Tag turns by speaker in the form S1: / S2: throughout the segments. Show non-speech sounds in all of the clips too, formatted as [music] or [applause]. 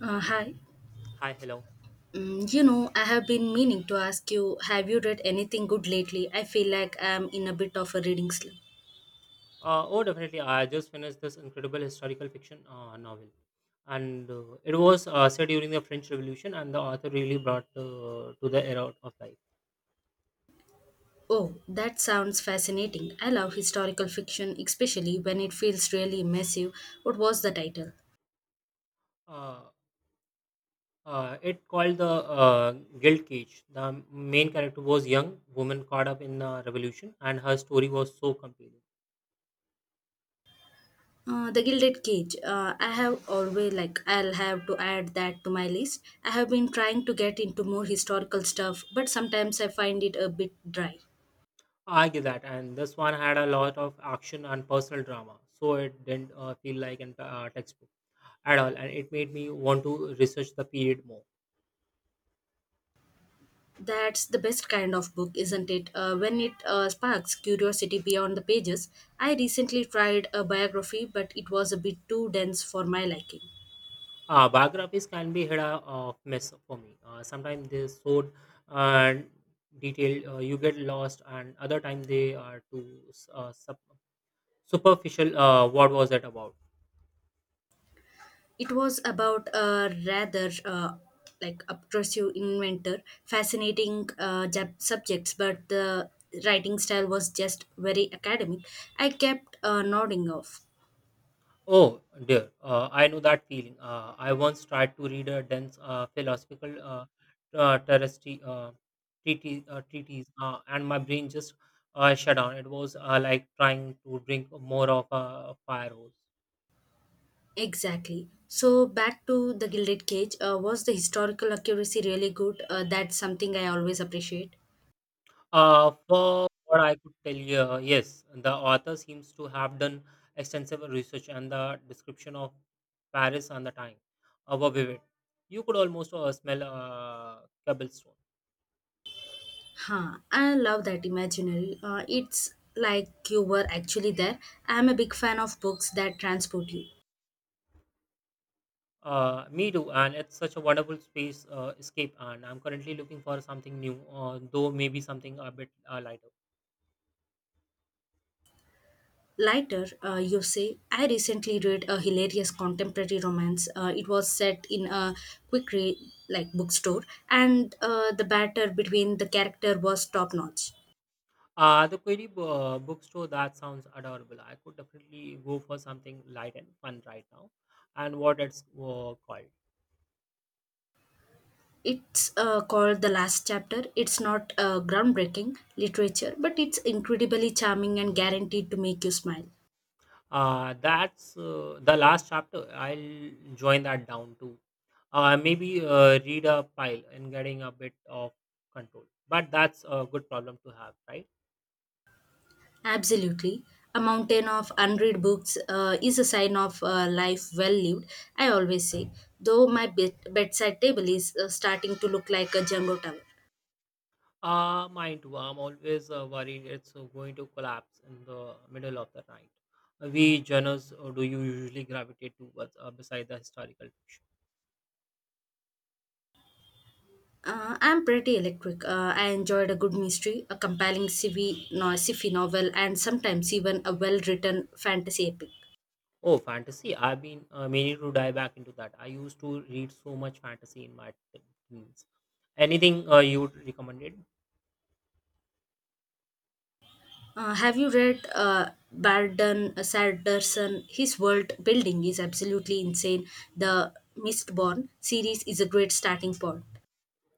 S1: Hi.
S2: Hi, hello.
S1: I have been meaning to ask you, have you read anything good lately? I feel like I'm in a bit of a reading slump.
S2: Oh, definitely. I just finished this incredible historical fiction novel, and it was set during the French Revolution, and the author really brought to the era of life.
S1: Oh, that sounds fascinating. I love historical fiction, especially when it feels really immersive. What was the title?
S2: Uh, it called the Guild Cage. The main character was young woman caught up in the revolution, and her story was so compelling.
S1: The Gilded Cage. I'll have to add that to my list. I have been trying to get into more historical stuff, but sometimes I find it a bit dry.
S2: I get that, and this one had a lot of action and personal drama, so it didn't feel like a textbook at all, and it made me want to research the period more.
S1: That's the best kind of book, isn't it? When it sparks curiosity beyond the pages. I recently tried a biography, but it was a bit too dense for my liking.
S2: Biographies can be hit a mess for me. Sometimes they so uh, detailed, you get lost, and other time they are too uh, sup- superficial. What was that about?
S1: It was about a rather obtrusive inventor, fascinating subjects, but the writing style was just very academic. I kept nodding off.
S2: Oh dear, I know that feeling. I once tried to read a dense philosophical uh, terrestri- uh, treatise and my brain just shut down. It was like trying to drink more of a fire hose.
S1: Exactly. So back to the Gilded Cage. Was the historical accuracy really good? That's something I always appreciate.
S2: For what I could tell you, yes, the author seems to have done extensive research, and the description of Paris and the time were vivid. You could almost smell cobblestone.
S1: Huh, I love that imaginary. It's like you were actually there. I'm a big fan of books that transport you.
S2: Me too, and it's such a wonderful space escape. And I'm currently looking for something new, though maybe something a bit lighter.
S1: Lighter, you say, I recently read a hilarious contemporary romance. It was set in a quick re- like bookstore, and the batter between the character was top notch.
S2: The Query bookstore that sounds adorable. I could definitely go for something light and fun right now. And what it's called.
S1: It's called The Last Chapter. It's not groundbreaking literature, but it's incredibly charming and guaranteed to make you smile.
S2: That's the last chapter. I'll join that down too. Maybe read a pile and getting a bit of control. But that's a good problem to have, right?
S1: Absolutely. A mountain of unread books is a sign of life well lived, I always say, though my bedside table is starting to look like a jungle tower.
S2: Mine too. I'm always worried it's going to collapse in the middle of the night. We journals do you usually gravitate towards beside the historical fiction?
S1: I'm pretty electric. I enjoyed a good mystery, a compelling CV, no, sci-fi novel, and sometimes even a well written fantasy epic.
S2: Oh, fantasy. I've been meaning to dive back into that. I used to read so much fantasy in my teens. Anything you would recommend?
S1: Have you read Barden Sanderson? His world building is absolutely insane. The Mistborn series is a great starting point.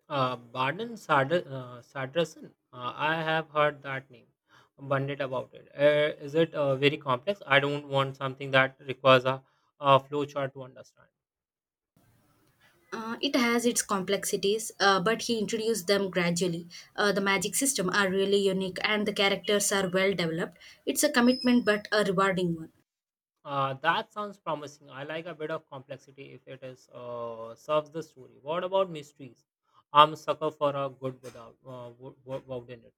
S2: Baden Sadrasan. I have heard that name. Bandit about it. Is it very complex? I don't want something that requires a flowchart to understand.
S1: It has its complexities, but he introduced them gradually. The magic system are really unique and the characters are well developed. It's a commitment but a rewarding one.
S2: That sounds promising. I like a bit of complexity if it is serves the story. What about mysteries? I'm a sucker for a good without without in it.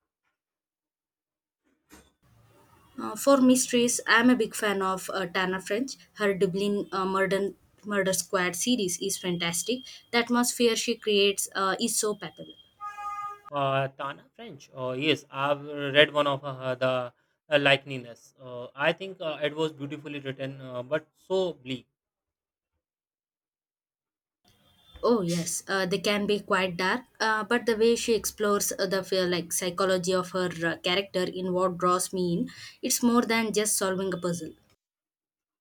S1: For mysteries, I'm a big fan of Tana French. Her Dublin Murder Squad series is fantastic. The atmosphere she creates is so palpable.
S2: Tana French. Yes, I've read one of the likenesses. I think it was beautifully written, but so bleak.
S1: Oh yes, they can be quite dark, but the way she explores the feel, like psychology of her character in what draws me in, it's more than just solving a puzzle.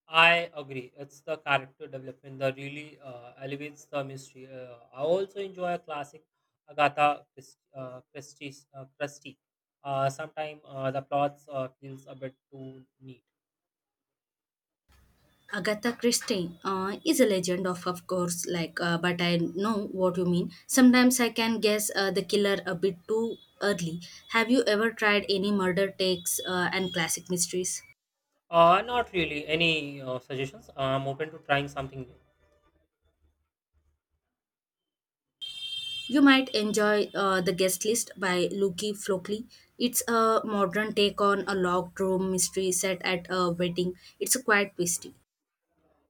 S2: I agree. It's the character development that really elevates the mystery. I also enjoy a classic Agatha Christie. Sometimes the plots feels a bit too neat.
S1: Agatha Christie is a legend of course but I know what you mean. Sometimes I can guess the killer a bit too early. Have you ever tried any murder takes and classic mysteries?
S2: Not really. Any suggestions? I'm open to trying something new.
S1: You might enjoy The Guest List by Luki Flockley. It's a modern take on a locked room mystery set at a wedding. It's quite twisty.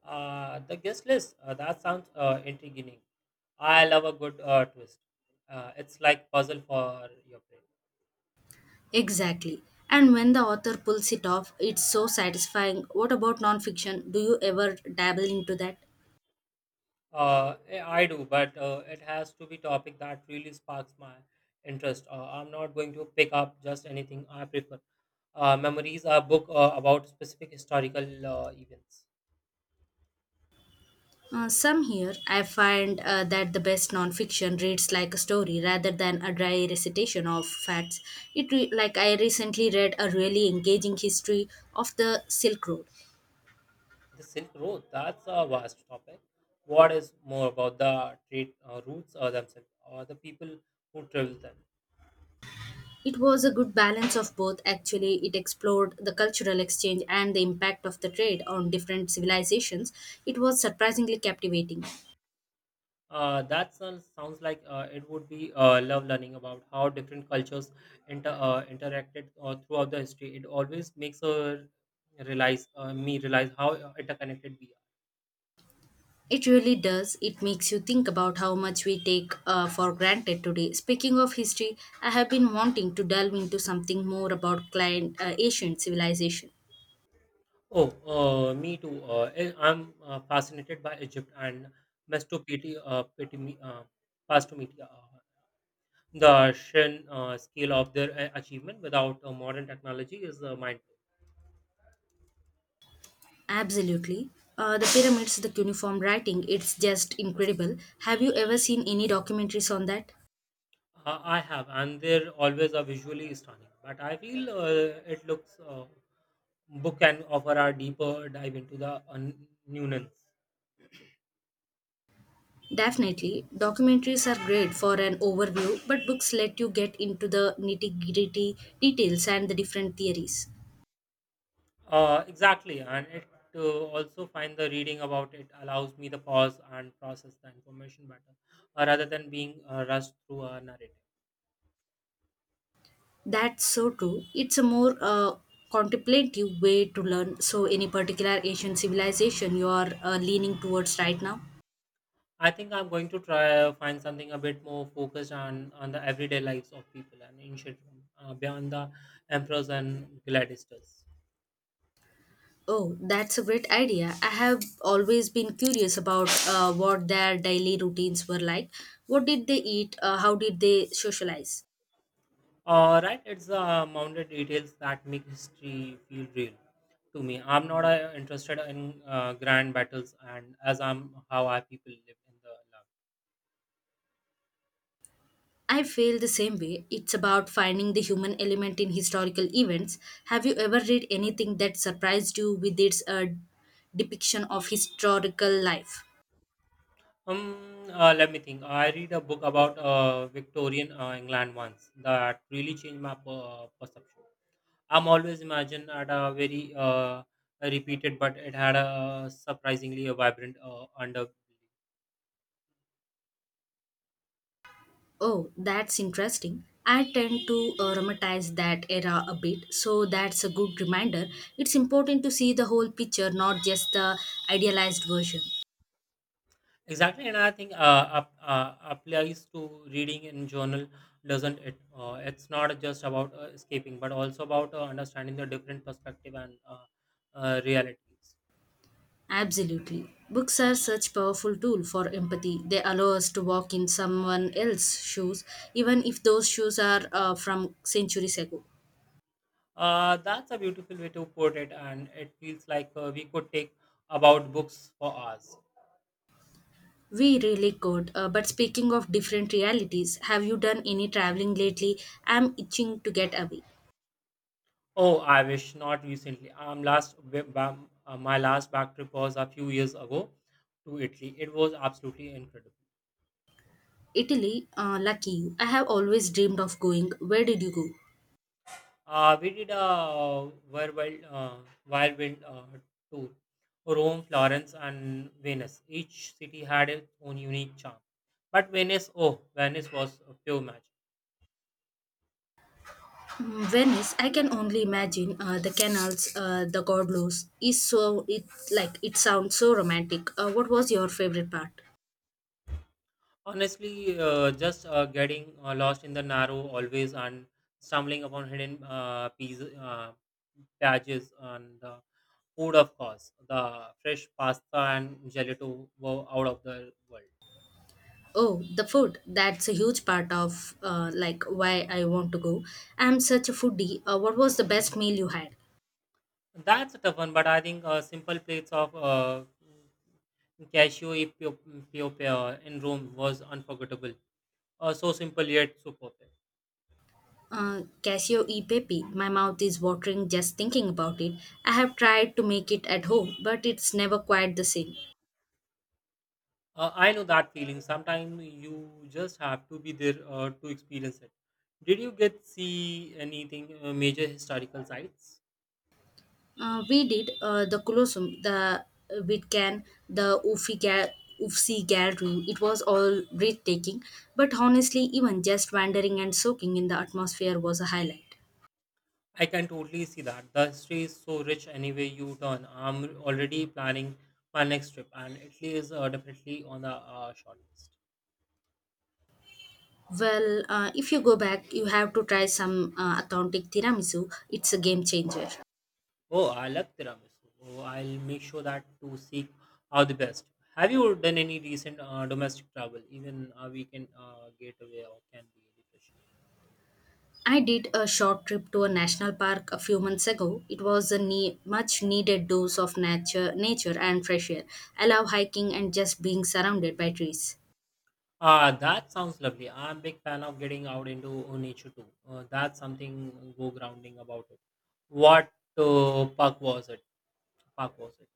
S2: The guest list. That sounds intriguing. I love a good twist. It's like puzzle for your brain.
S1: Exactly. And when the author pulls it off, it's so satisfying. What about nonfiction? Do you ever dabble into that?
S2: I do, but it has to be topic that really sparks my interest. I'm not going to pick up just anything I prefer. Memories, a book about specific historical events.
S1: Some here, I find that the best nonfiction reads like a story rather than a dry recitation of facts. It re- like I recently read a really engaging history of the Silk Road.
S2: The Silk Road, that's a vast topic. What is more about the trade routes themselves or the people who travel them?
S1: It was a good balance of both. Actually, it explored the cultural exchange and the impact of the trade on different civilizations. It was surprisingly captivating.
S2: That sounds like it would be love learning about how different cultures interacted throughout the history. It always makes realize me realize how interconnected we are.
S1: It really does. It makes you think about how much we take for granted today. Speaking of history, I have been wanting to delve into something more about ancient civilization.
S2: Oh, me too. I'm fascinated by Egypt and Mesopotamia, uh, Petimi- uh, Mesopotamia. The sheer scale of their achievement without modern technology is mind.
S1: Absolutely. The pyramids, the cuneiform writing, it's just incredible. Have you ever seen any documentaries on that?
S2: I have, and they're always are visually stunning. But I feel it looks book can offer a deeper dive into the new nuance.
S1: Definitely. Documentaries are great for an overview, but books let you get into the nitty gritty details and the different theories.
S2: Exactly, and it also find the reading about it allows me the pause and process the information better, rather than being rushed through a narrative.
S1: That's so true. It's a more contemplative way to learn. So, any particular Asian civilization you are leaning towards right now?
S2: I think I'm going to try find something a bit more focused on the everyday lives of people and ancient Rome, beyond the emperors and gladiators.
S1: Oh, that's a great idea. I have always been curious about what their daily routines were like. What did they eat? How did they socialize?
S2: Right, it's the mounted details that make history feel real to me. I'm not interested in grand battles, and as I'm how I people live in the love.
S1: I feel the same way. It's about finding the human element in historical events. Have you ever read anything that surprised you with its depiction of historical life?
S2: Let me think. I read a book about Victorian England once that really changed my perception. I'm always imagined at a very repeated, but it had a surprisingly a vibrant underbelly.
S1: Oh, that's interesting. I tend to romanticize that era a bit, so that's a good reminder. It's important to see the whole picture, not just the idealized version.
S2: Exactly, and I think applies to reading in journal, doesn't it? It's not just about escaping, but also about understanding the different perspective and realities.
S1: Absolutely. Books are such powerful tool for empathy. They allow us to walk in someone else's shoes, even if those shoes are from centuries ago.
S2: That's a beautiful way to put it, and it feels like we could take about books for us.
S1: We really could. But speaking of different realities, have you done any traveling lately? I'm itching to get away.
S2: Oh, I wish not recently. My last back trip was a few years ago to Italy. It was absolutely incredible.
S1: Italy, lucky you. I have always dreamed of going. Where did you go?
S2: We did a whirlwind tour, Rome, Florence, and Venice. Each city had its own unique charm. But Venice, oh, Venice was a pure magic.
S1: Mm, Venice. I can only imagine the canals, the gondolas. Is so it like it sounds so romantic. What was your favorite part?
S2: Honestly, just getting lost in the narrow always and stumbling upon hidden pieces, badges and the food, of course. The fresh pasta and gelato were out of the world.
S1: Oh, the food. That's a huge part of why I want to go. I'm such a foodie. What was the best meal you had?
S2: That's a tough one, but I think simple plates of cashew e pio in Rome was unforgettable. So simple yet so perfect.
S1: Casio e pepe. My mouth is watering just thinking about it. I have tried to make it at home, but it's never quite the same.
S2: I know that feeling. Sometimes you just have to be there to experience it. Did you get see anything major historical sites?
S1: We did the Colosseum, the Witcan, the Ufsi Gallery. It was all breathtaking, but honestly, even just wandering and soaking in the atmosphere was a highlight.
S2: I can totally see that. The history is so rich anyway you turn. I'm already planning my next trip, and Italy is definitely on the short list.
S1: Well, if you go back, you have to try some authentic tiramisu. It's a game changer.
S2: Oh, I love tiramisu. Oh, I'll make sure that to seek out the best. Have you done any recent domestic travel? Even a weekend getaway or can be refreshing.
S1: I did a short trip to a national park a few months ago. It was a much needed dose of nature and fresh air. I love hiking and just being surrounded by trees.
S2: Ah, that sounds lovely. I'm a big fan of getting out into nature too. That's something go grounding about it. What park was it? Park was it?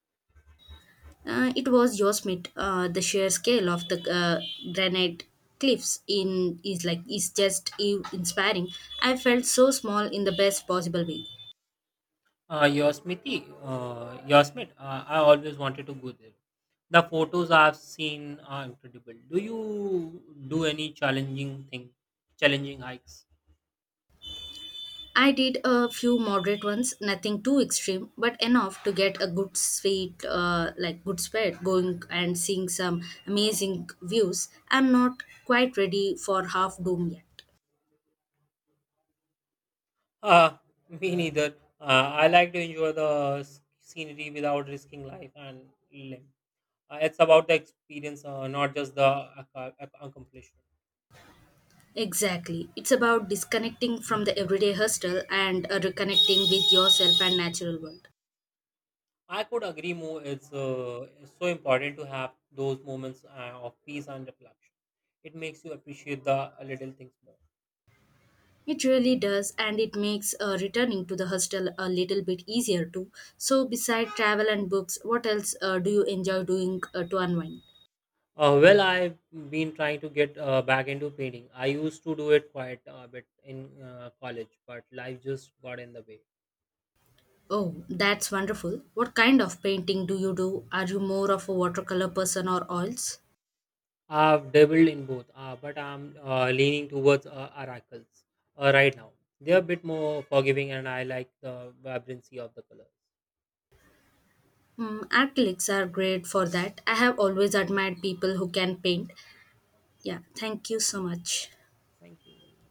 S1: It was Yosemite. The sheer scale of the granite cliffs in is like is just inspiring. I felt so small in the best possible way.
S2: Yosemite. I always wanted to go there. The photos I've seen are incredible. Do you do any challenging hikes?
S1: I did a few moderate ones, nothing too extreme, but enough to get a good sweet, like good sweat going and seeing some amazing views. I'm not quite ready for half dome yet.
S2: Uh, [laughs] Me neither. I like to enjoy the scenery without risking life and limb. It's about the experience, not just the accomplishment.
S1: Exactly. It's about disconnecting from the everyday hustle and reconnecting with yourself and natural world.
S2: I could agree more. It's so important to have those moments of peace and reflection. It makes you appreciate the little things more.
S1: It really does, and it makes returning to the hostel a little bit easier too. So, beside travel and books, what else do you enjoy doing to unwind?
S2: Well, I've been trying to get back into painting. I used to do it quite a bit in college, but life just got in the way.
S1: Oh, that's wonderful. What kind of painting do you do? Are you more of a watercolor person or oils?
S2: I've dabbled in both, but I'm leaning towards oracles right now. They're a bit more forgiving, and I like the vibrancy of the colors.
S1: Mm, acrylics are great for that. I have always admired people who can paint. Yeah, thank you so much.
S2: Thank you.